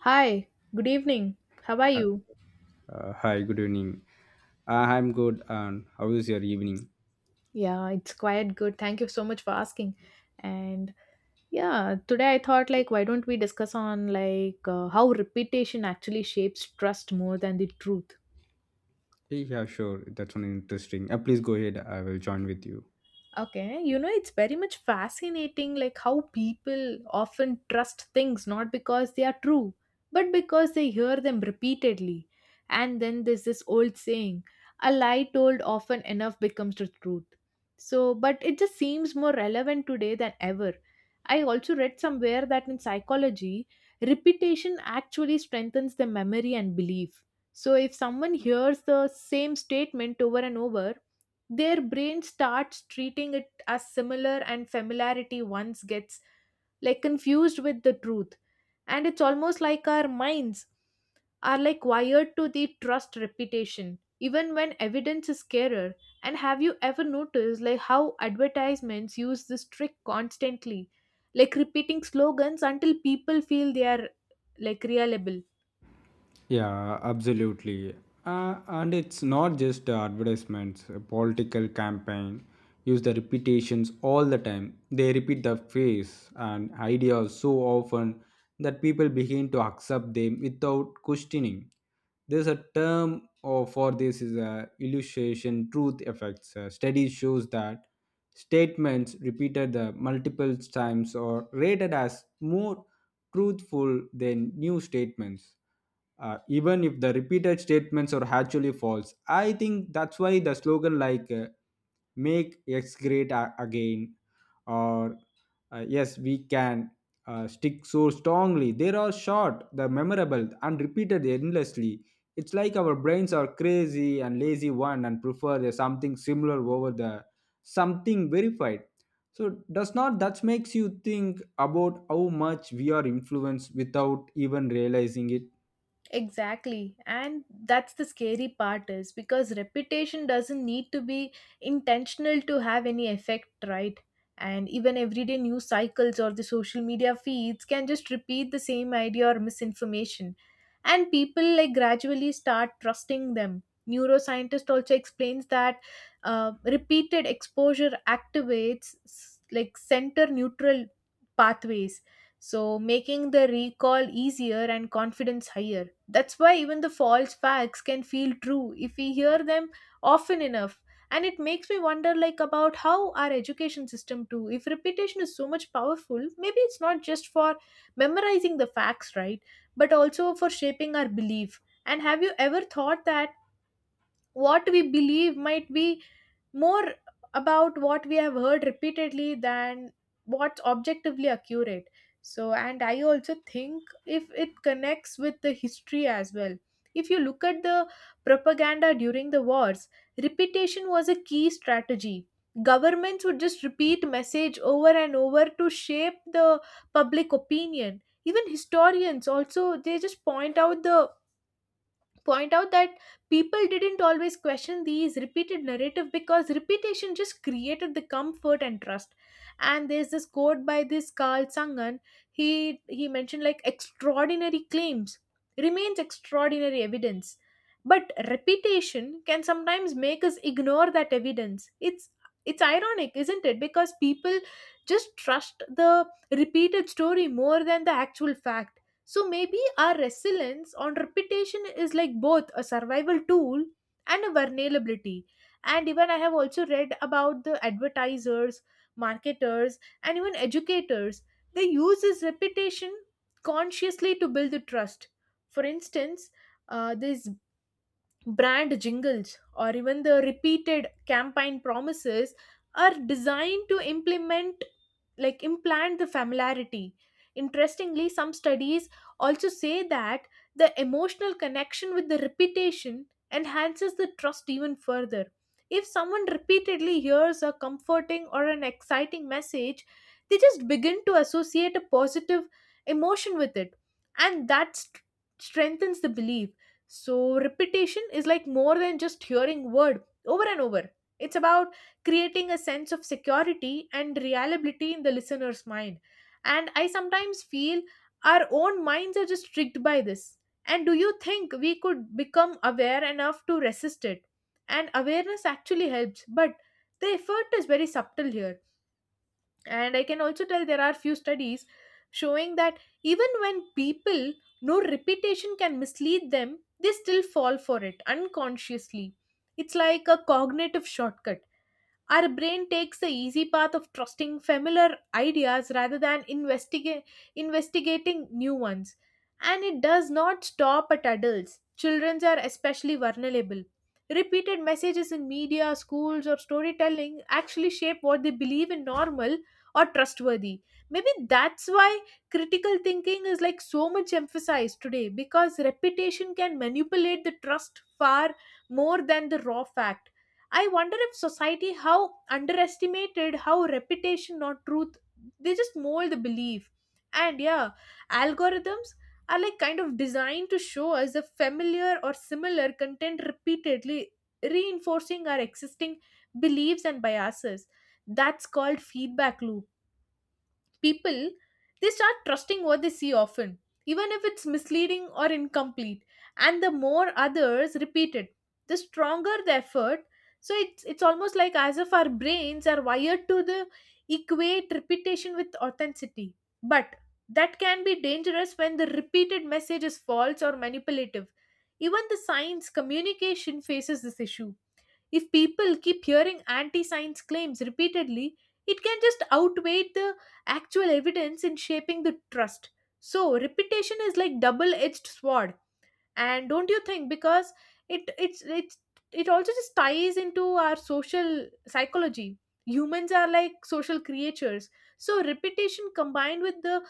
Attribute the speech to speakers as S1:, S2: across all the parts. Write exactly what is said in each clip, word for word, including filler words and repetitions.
S1: Hi, good evening. How are you?
S2: Uh, hi, good evening. Uh, I'm good. And how is your evening?
S1: Yeah, it's quite good. Thank you so much for asking. And yeah, today I thought like why don't we discuss on like uh, how repetition actually shapes trust more than the truth.
S2: Eh, Yeah, sure. That's one interesting. Uh, please go ahead. I will join with you.
S1: Okay, you know, it's very much fascinating like how people often trust things not because they are true, but because they hear them repeatedly. And then there's this old saying, a lie told often enough becomes the truth. So, but it just seems more relevant today than ever. I also read somewhere that in psychology, repetition actually strengthens the memory and belief. So, if someone hears the same statement over and over, their brain starts treating it as similar and familiarity once gets like confused with the truth. And it's almost like our minds are like wired to the trust reputation even when evidence is scarer. And have you ever noticed like how advertisements use this trick constantly, like repeating slogans until people feel they are like reliable?
S2: Yeah, absolutely. Uh, and it's not just uh, advertisements, a political campaign use the repetitions all the time. They repeat the face and ideas so often that people begin to accept them without questioning. There's a term or for this is a illustration truth effects. A study shows that statements repeated the multiple times are rated as more truthful than new statements uh, even if the repeated statements are actually false. I think that's why the slogan like uh, "Make X Great a- Again" or uh, "Yes We Can" uh, stick so strongly. They are short, the memorable, and repeated endlessly. It's like our brains are crazy and lazy one and prefer the something similar over the something verified. So does not that makes you think about how much we are influenced without even realizing it?
S1: Exactly. And that's the scary part is because reputation doesn't need to be intentional to have any effect, right? And even everyday news cycles or the social media feeds can just repeat the same idea or misinformation. And people like gradually start trusting them. Neuroscientist also explains that uh, repeated exposure activates s- like center neutral pathways, so making the recall easier and confidence higher. That's why even the false facts can feel true if we hear them often enough. And it makes me wonder like about how our education system too. If repetition is so much powerful, maybe it's not just for memorizing the facts, right? But also for shaping our belief. And have you ever thought that what we believe might be more about what we have heard repeatedly than what's objectively accurate? So and I also think if it connects with the history as well. If you look at the propaganda during the wars, repetition was a key strategy. Governments would just repeat message over and over to shape the public opinion. Even historians also they just point out the point out that people didn't always question these repeated narrative because repetition just created the comfort and trust. And there's this quote by this Carl Sagan. He he mentioned like extraordinary claims remains extraordinary evidence, but repetition can sometimes make us ignore that evidence. It's it's ironic, isn't it? Because people just trust the repeated story more than the actual fact. So maybe our resilience on repetition is like both a survival tool and a vulnerability. And even I have also read about the advertisers, marketers, and even educators. They use this repetition consciously to build the trust. For instance, uh, this brand jingles or even the repeated campaign promises are designed to implement like implant the familiarity. Interestingly, some studies also say that the emotional connection with the repetition enhances the trust even further. If someone repeatedly hears a comforting or an exciting message, they just begin to associate a positive emotion with it, and that st- strengthens the belief. So repetition is like more than just hearing word over and over. It's about creating a sense of security and reliability in the listener's mind. And I sometimes feel our own minds are just tricked by this. And do you think we could become aware enough to resist it? And awareness actually helps, but the effort is very subtle here. And I can also tell there are few studies showing that even when people know repetition can mislead them, they still fall for it unconsciously. It's like a cognitive shortcut. Our brain takes the easy path of trusting familiar ideas rather than investiga- investigating new ones. And it does not stop at adults. Children are especially vulnerable. Repeated messages in media, schools, or storytelling actually shape what they believe in normal or trustworthy. Maybe that's why critical thinking is like so much emphasized today, because repetition can manipulate the trust far more than the raw fact. I wonder if society how underestimated how reputation, not truth, they just mold the belief. And yeah, algorithms are like kind of designed to show us a familiar or similar content repeatedly, reinforcing our existing beliefs and biases. That's called feedback loop. People they start trusting what they see often, even if it's misleading or incomplete. And the more others repeat it, the stronger the effort. So it's it's almost like as if our brains are wired to the equate repetition with authenticity, but that can be dangerous when the repeated message is false or manipulative. Even the science communication faces this issue. If people keep hearing anti science claims repeatedly, it can just outweigh the actual evidence in shaping the trust. So, reputation is like double edged sword. And don't you think? Because it it's it's it also just ties into our social psychology. Humans are like social creatures. So, repetition combined with the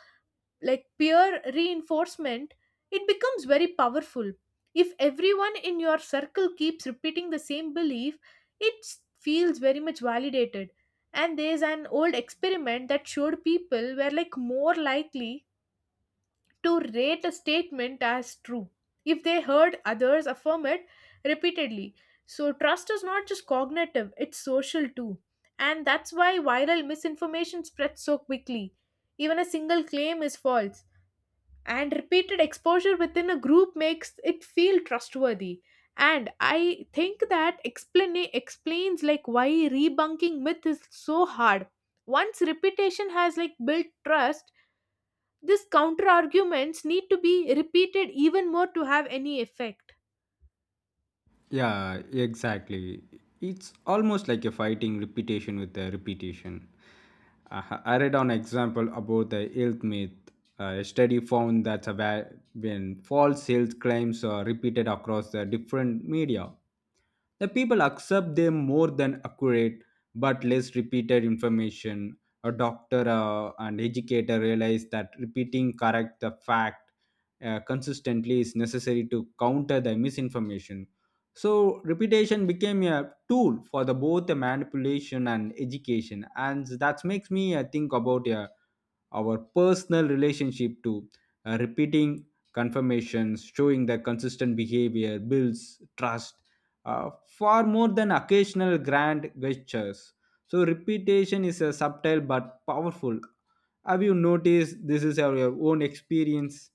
S1: like peer reinforcement, it becomes very powerful. If everyone in your circle keeps repeating the same belief, it s- feels very much validated. And there's an old experiment that showed people were like more likely to rate a statement as true if they heard others affirm it repeatedly. So trust is not just cognitive, it's social too. And that's why viral misinformation spreads so quickly. Even a single claim is false, and repeated exposure within a group makes it feel trustworthy. And I think that explain explains like why debunking myth is so hard. Once reputation has like built trust, these counter arguments need to be repeated even more to have any effect.
S2: Yeah, exactly. It's almost like a fighting repetition with a repetition. Uh, I read an example about the health myth. Uh, a study found that a va- when false health claims are repeated across the different media, the people accept them more than accurate but less repeated information. A doctor uh, and educator realize that repeating correct the fact uh, consistently is necessary to counter the misinformation. So reputation became a tool for the both the manipulation and education, and that makes me uh, think about uh, our personal relationship to uh, repeating confirmations, showing the consistent behavior builds trust uh, far more than occasional grand gestures. So repetition is a subtle but powerful. Have you noticed this is our your own experience?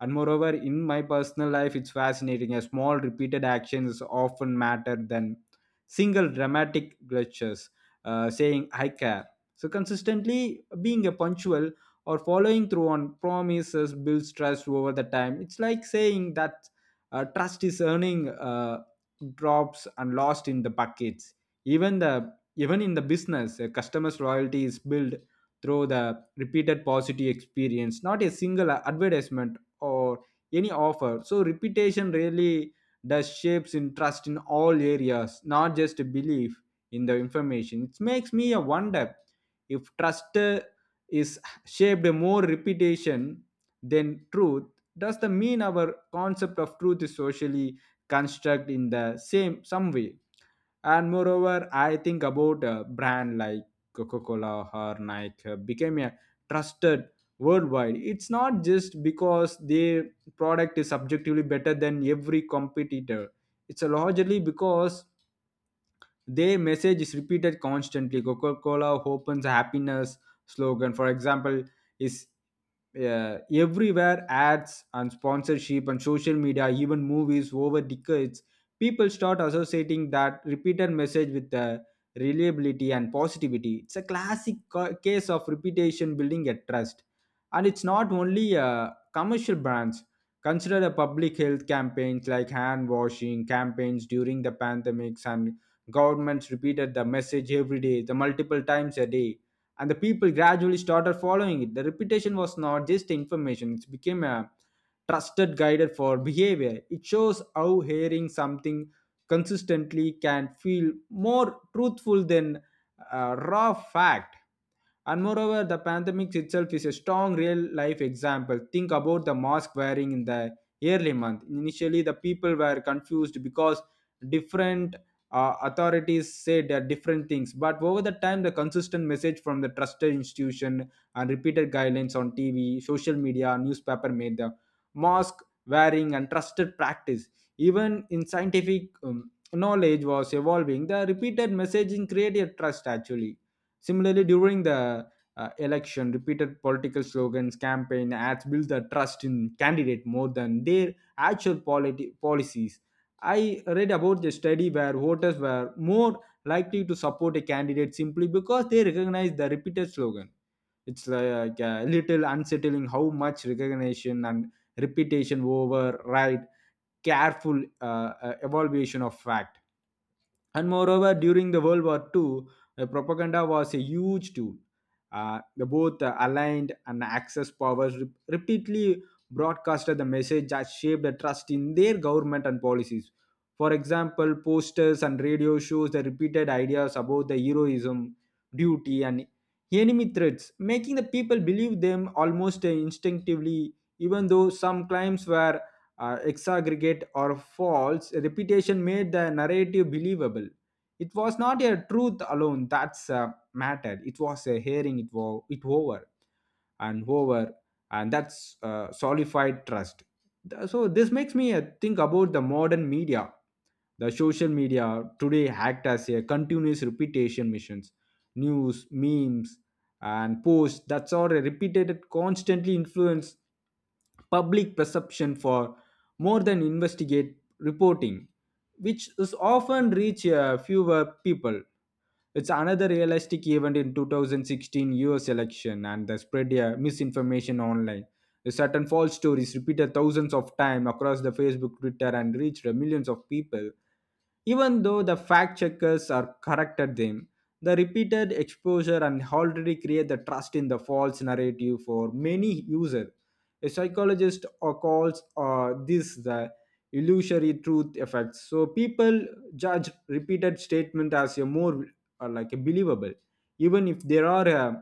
S2: And moreover, in my personal life, it's fascinating. A small repeated actions often matter than single dramatic gestures, uh, saying "I care." So consistently being a punctual or following through on promises builds trust over the time. It's like saying that uh, trust is earning uh, drops and lost in the buckets. Even the even in the business, a customer's loyalty is built through the repeated positive experience, not a single advertisement or any offer. So reputation really does shapes in trust in all areas, not just belief in the information. It makes me a wonder if trust uh, is shaped more reputation than truth. Does the mean our concept of truth is socially construct in the same some way? And moreover, I think about a brand like Coca-Cola or Nike uh, became a trusted worldwide. It's not just because their product is subjectively better than every competitor. It's largely because their message is repeated constantly. Coca-Cola opens a happiness slogan, for example, is uh, everywhere ads and sponsorship and social media, even movies over decades. People start associating that repeated message with uh, reliability and positivity. It's a classic ca- case of reputation building a trust. And it's not only uh, commercial brands. Consider the public health campaigns like hand washing campaigns during the pandemics, and governments repeated the message every day, the multiple times a day, and the people gradually started following it. The repetition was not just information, it became a trusted guide for behavior. It shows how hearing something consistently can feel more truthful than a raw fact. And moreover, the pandemic itself is a strong real life example. Think about the mask wearing in the early month. Initially, the people were confused because different uh, authorities said uh, different things, but over the time the consistent message from the trusted institution and repeated guidelines on TV, social media, newspaper made the mask wearing and trusted practice. Even in scientific um, knowledge was evolving, the repeated messaging created trust actually. Similarly, during the uh, election, repeated political slogans campaign ads build the trust in candidate more than their actual politi- policies. I read about the study where voters were more likely to support a candidate simply because they recognized the repeated slogan. It's like a little unsettling how much recognition and repetition over right careful uh, uh, evaluation of fact. And moreover, during the World War Two, uh, propaganda was a huge tool. Uh, the both uh, aligned and Axis powers rep- repeatedly broadcasted the message that shaped the trust in their government and policies. For example, posters and radio shows the repeated ideas about the heroism, duty, and enemy threats, making the people believe them almost uh, instinctively, even though some claims were uh, exaggerate or false. Reputation made the narrative believable. It was not a truth alone that's uh, mattered. It was a hearing it, was it over and over, and that's uh, solidified trust. Th- so this makes me uh, think about the modern media. The social media today act as a continuous repetition missions. News, memes, and posts that's all repeated constantly influence public perception for more than investigate reporting, which is often reach uh, fewer people. It's another realistic event in twenty sixteen U S election and the spread uh, misinformation online. The certain false stories repeated thousands of times across the Facebook, Twitter, and reached millions of people. Even though the fact checkers are corrected them, the repeated exposure and already create the trust in the false narrative for many users. A psychologist uh, calls uh, this the illusory truth effect. So people judge repeated statement as a more uh, like a believable, even if there are uh,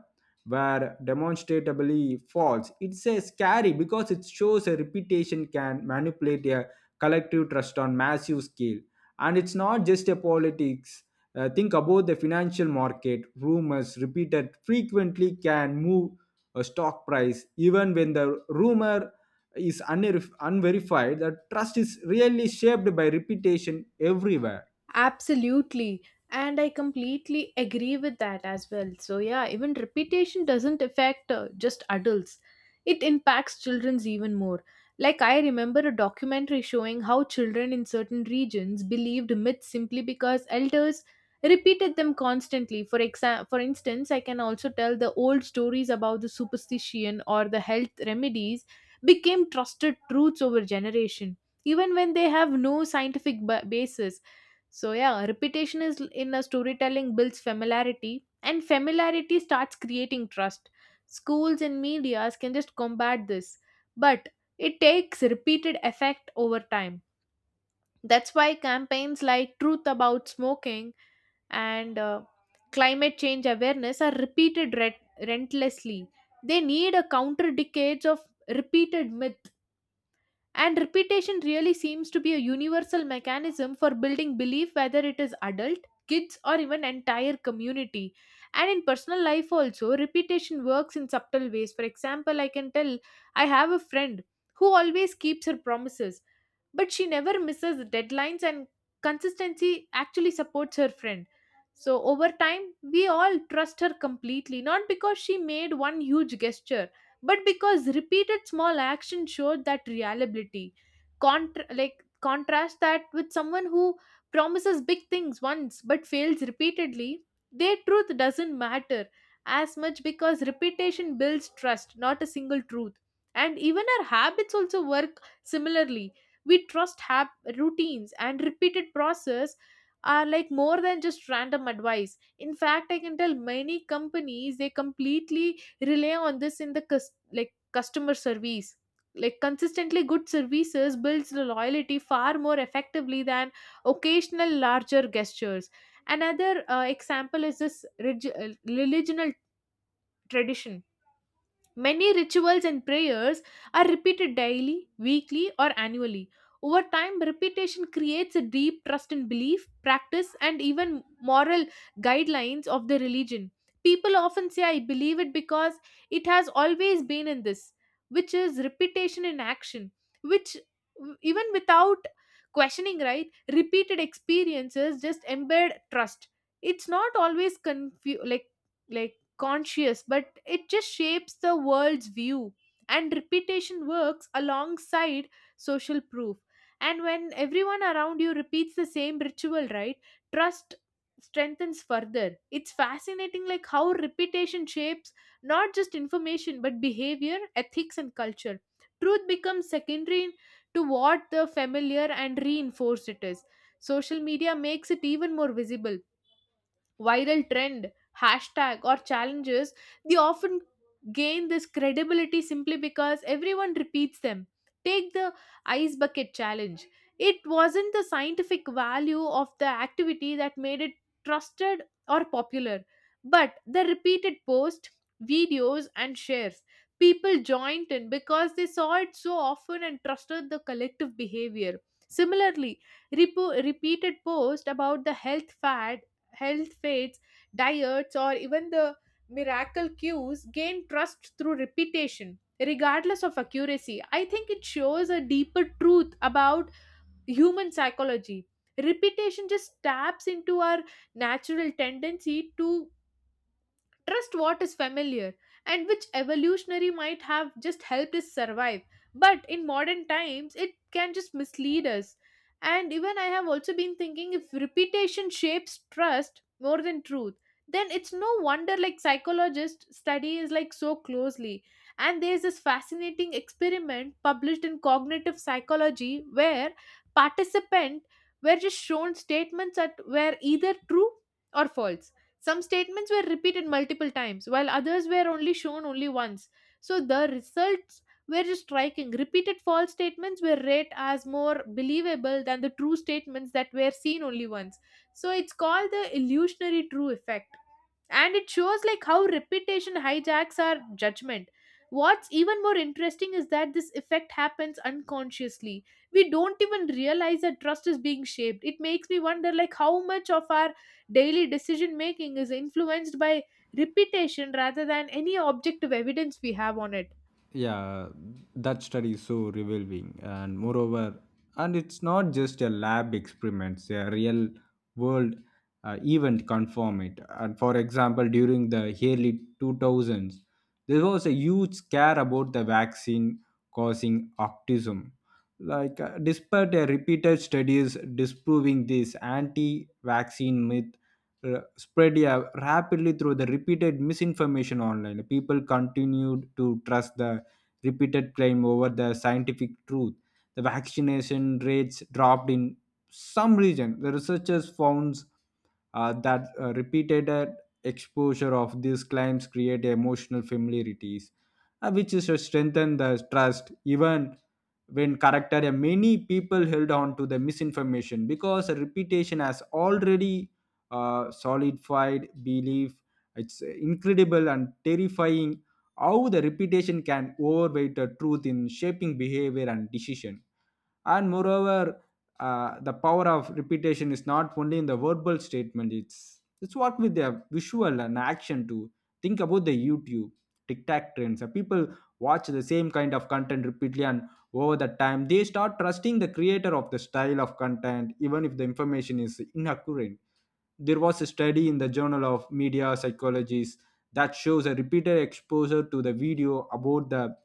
S2: were demonstrably false. It's a scary because it shows a reputation can manipulate a collective trust on massive scale. And it's not just a politics. Uh, think about the financial market rumors repeated frequently can move a stock price even when the rumor is unverif- unverified. The trust is really shaped by reputation everywhere.
S1: Absolutely. And I completely agree with that as well. So, yeah, even reputation doesn't affect uh, just adults, it impacts children's even more. Like, I remember a documentary showing how children in certain regions believed myths simply because elders repeated them constantly. For, exa- for instance, I can also tell the old stories about the superstition or the health remedies became trusted truths over generation, even when they have no scientific ba- basis. So yeah, repetition is in a storytelling builds familiarity, and familiarity starts creating trust. Schools and medias can just combat this, but it takes repeated effect over time. That's why campaigns like Truth About Smoking and uh, climate change awareness are repeated re- relentlessly. They need a counter decades of repeated myths. And repetition really seems to be a universal mechanism for building belief, whether it is adult, kids, or even entire community. And in personal life, also, repetition works in subtle ways. For example, I can tell I have a friend who always keeps her promises, but she never misses deadlines, and consistency actually supports her friend. So over time, we all trust her completely, not because she made one huge gesture, but because repeated small actions showed that reliability. Contra- like contrast that with someone who promises big things once but fails repeatedly. Their truth doesn't matter as much, because repetition builds trust, not a single truth. And even our habits also work similarly. We trust hab- routines, and repeated process are like more than just random advice. In fact, I can tell many companies they completely rely on this in the cus- like customer service. Like consistently good services builds the loyalty far more effectively than occasional larger gestures. Another uh, example is this relig- uh, religional tradition. Many rituals and prayers are repeated daily, weekly, or annually. Over time, repetition creates a deep trust in belief, practice, and even moral guidelines of the religion. People often say, I believe it because it has always been in this, which is repetition in action, which even without questioning, right, repeated experiences just embed trust. It's not always confu- like like conscious, but it just shapes the world's view. And repetition works alongside social proof. And when everyone around you repeats the same ritual, right, trust strengthens further. It's fascinating, like how repetition shapes not just information but behavior, ethics, and culture. Truth becomes secondary to what the familiar and reinforced it is. Social media makes it even more visible. Viral trend, hashtag, or challenges, they often gain this credibility simply because everyone repeats them. Take the ice bucket challenge. It wasn't the scientific value of the activity that made it trusted or popular, but the repeated posts, videos, and shares. People joined in because they saw it so often and trusted the collective behavior. Similarly, repo- repeated posts about the health fads health fads, diets, or even the miracle cues gain trust through repetition, regardless of accuracy. I think it shows a deeper truth about human psychology. Repetition just taps into our natural tendency to trust what is familiar, and which evolutionary might have just helped us survive. But in modern times, it can just mislead us. And even I have also been thinking, if reputation shapes trust more than truth, then it's no wonder like psychologists study is like so closely. And there's this fascinating experiment published in cognitive psychology where participant were just shown statements that were either true or false. Some statements were repeated multiple times, while others were only shown only once. So the results were just striking. Repeated false statements were read as more believable than the true statements that were seen only once. So it's called the illusionary true effect, and it shows like how reputation hijacks our judgment. What's even more interesting is that this effect happens unconsciously. We don't even realize that trust is being shaped. It makes me wonder like how much of our daily decision making is influenced by reputation rather than any objective evidence we have on it.
S2: Yeah, that study is so revealing. And moreover, and it's not just a lab experiments, a real world uh, event confirm it. And for example, during the early two thousands there was a huge scare about the vaccine causing autism, like uh, despite a repeated studies disproving this. Anti-vaccine myth uh, spread, yeah, rapidly through the repeated misinformation online. People continued to trust the repeated claim over the scientific truth. The vaccination rates dropped in some region. The researchers found uh, that uh, repeated uh, exposure of these claims create emotional familiarities, uh, which is to strengthen the trust even when corrected. And many people held on to the misinformation because the reputation has already uh, solidified belief. It's incredible and terrifying how the repetition can overweight the truth in shaping behavior and decision. And moreover, uh, the power of repetition is not only in the verbal statement. It's it's what with the visual and action too. Think about the YouTube, TikTok trends. Uh, people watch the same kind of content repeatedly, and over the time they start trusting the creator of the style of content even if the information is inaccurate. There was a study in the Journal of Media Psychology that shows a repeated exposure to the video about the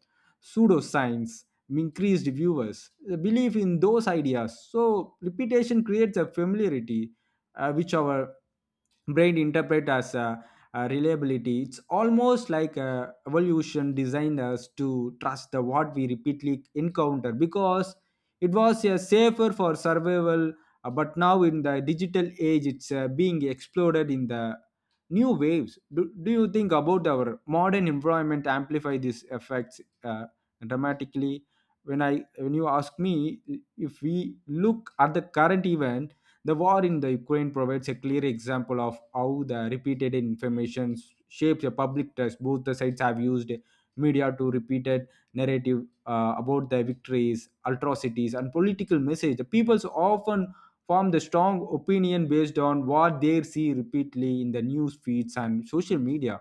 S2: pseudoscience increased viewers belief in those ideas. So repetition creates a familiarity, uh, which our brain interpret as a, a reliability. It's almost like a evolution designed us to trust the what we repeatedly encounter because it was a safer for survival. Uh, but now in the digital age it's uh, being exploded in the new waves. Do, do you think about our modern environment amplify these effects uh, dramatically? When i when you ask me, if we look at the current event, the war in the Ukraine provides a clear example of how the repeated information shapes the public trust. Both the sides have used media to repeated narrative uh, about their victories, atrocities, and political message. The people's often formed a strong opinion based on what they see repeatedly in the news feeds and social media,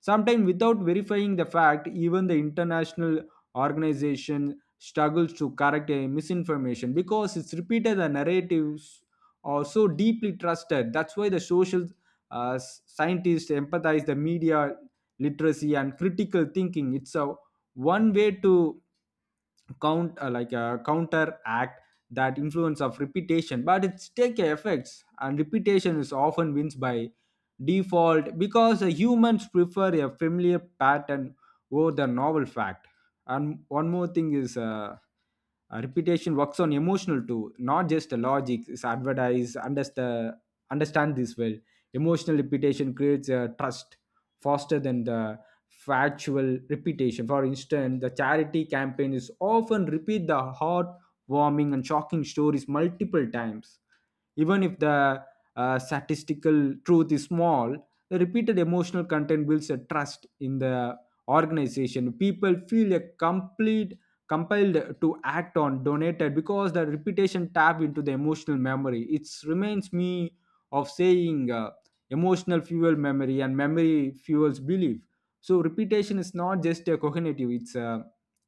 S2: sometimes without verifying the fact. Even the international organization struggles to correct a misinformation because it's repeated the narratives are so deeply trusted. That's why the social uh, s- scientists empathize the media literacy and critical thinking. It's a one way to count uh, like a counteract that influence of repetition, but it's take effects and repetition is often wins by default because the humans prefer a familiar pattern over the novel fact. And one more thing is uh, uh, repetition works on emotional too, not just the logic is advertise understand understand this well. Emotional repetition creates a trust faster than the factual repetition. For instance, the charity campaign is often repeat the heartwarming and shocking stories multiple times. Even if the uh, statistical truth is small, the repeated emotional content builds a trust in the organization. People feel a complete compelled to act on donated because the repetition tap into the emotional memory. It reminds me of saying uh, emotional fuel memory and memory fuels belief. So repetition is not just a cognitive; it's a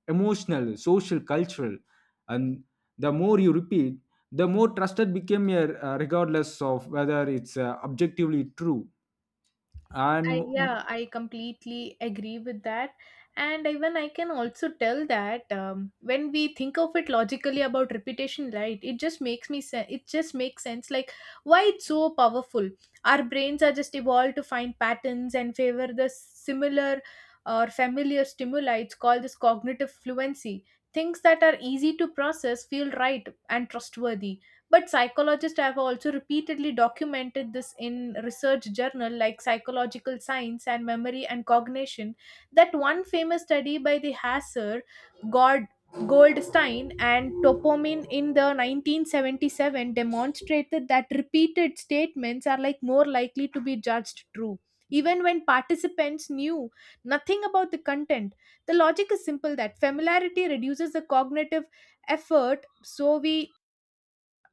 S2: emotional, social, cultural, and the more you repeat, the more trusted became a uh, regardless of whether it's uh, objectively true. And
S1: I
S2: mm,
S1: Yeah, I completely agree with that. And even I can also tell that um, when we think of it logically about repetition, right? It just makes me sense. It just makes sense. Like why it's so powerful. Our brains are just evolved to find patterns and favor the similar or familiar stimuli. It's called this cognitive fluency. Things that are easy to process feel right and trustworthy, but psychologists have also repeatedly documented this in research journal like Psychological Science and Memory and Cognition. That one famous study by the Hasser, God, Goldstein and Topomin in the nineteen seventy-seven demonstrated that repeated statements are like more likely to be judged true even when participants knew nothing about the content. The logic is simple, that familiarity reduces the cognitive effort, so we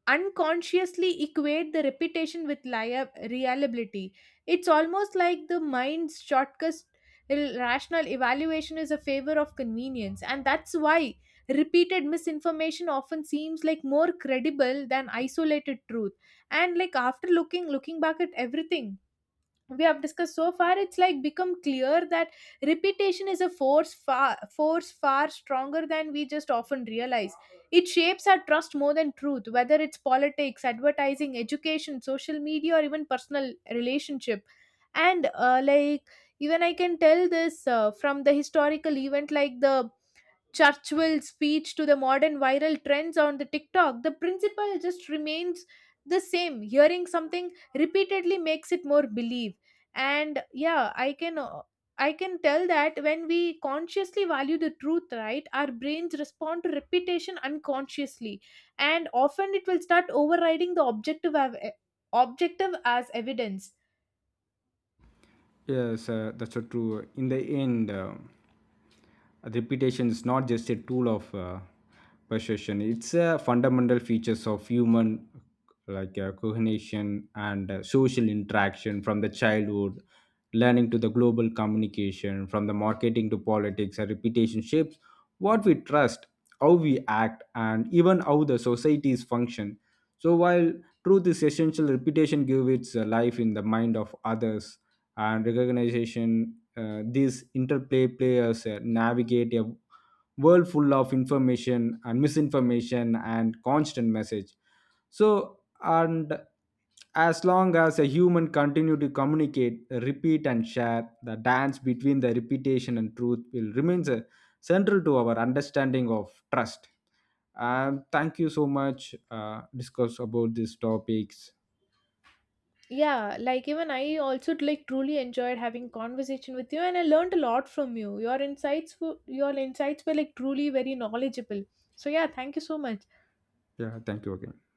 S1: unconsciously equate the reputation with lia- reliability. It's almost like the mind's shortcut, rational evaluation is a favor of convenience, and that's why repeated misinformation often seems like more credible than isolated truth. And like after looking looking back at everything we have discussed so far, it's like become clear that repetition is a force far force far stronger than we just often realize. It shapes our trust more than truth, whether it's politics, advertising, education, social media, or even personal relationship. And uh, like, even I can tell this uh, from the historical event like the Churchill's speech to the modern viral trends on the TikTok, the principle just remains the same. Hearing something repeatedly makes it more believe. And yeah, I can uh, I can tell that when we consciously value the truth, right, our brains respond to repetition unconsciously, and often it will start overriding the objective av- objective as evidence.
S2: yes uh, That's so true. In the end, uh, reputation is not just a tool of uh, persuasion. It's a fundamental features of human like uh, coordination and uh, social interaction, from the childhood learning to the global communication, from the marketing to politics. And reputation shapes what we trust, how we act, and even how the societies function. So while truth is essential, repetition gives its uh, life in the mind of others, and recognition. Uh, these interplay players uh, navigate a world full of information and misinformation and constant message. So and as long as a human continue to communicate, repeat and share, the dance between the repetition and truth will remains uh, central to our understanding of trust. And thank you so much uh, discuss about these topics.
S1: Yeah, like even I also like truly enjoyed having conversation with you, and I learned a lot from you. Your insights were your insights were like truly very knowledgeable. So yeah, thank you so much.
S2: Yeah, thank you again.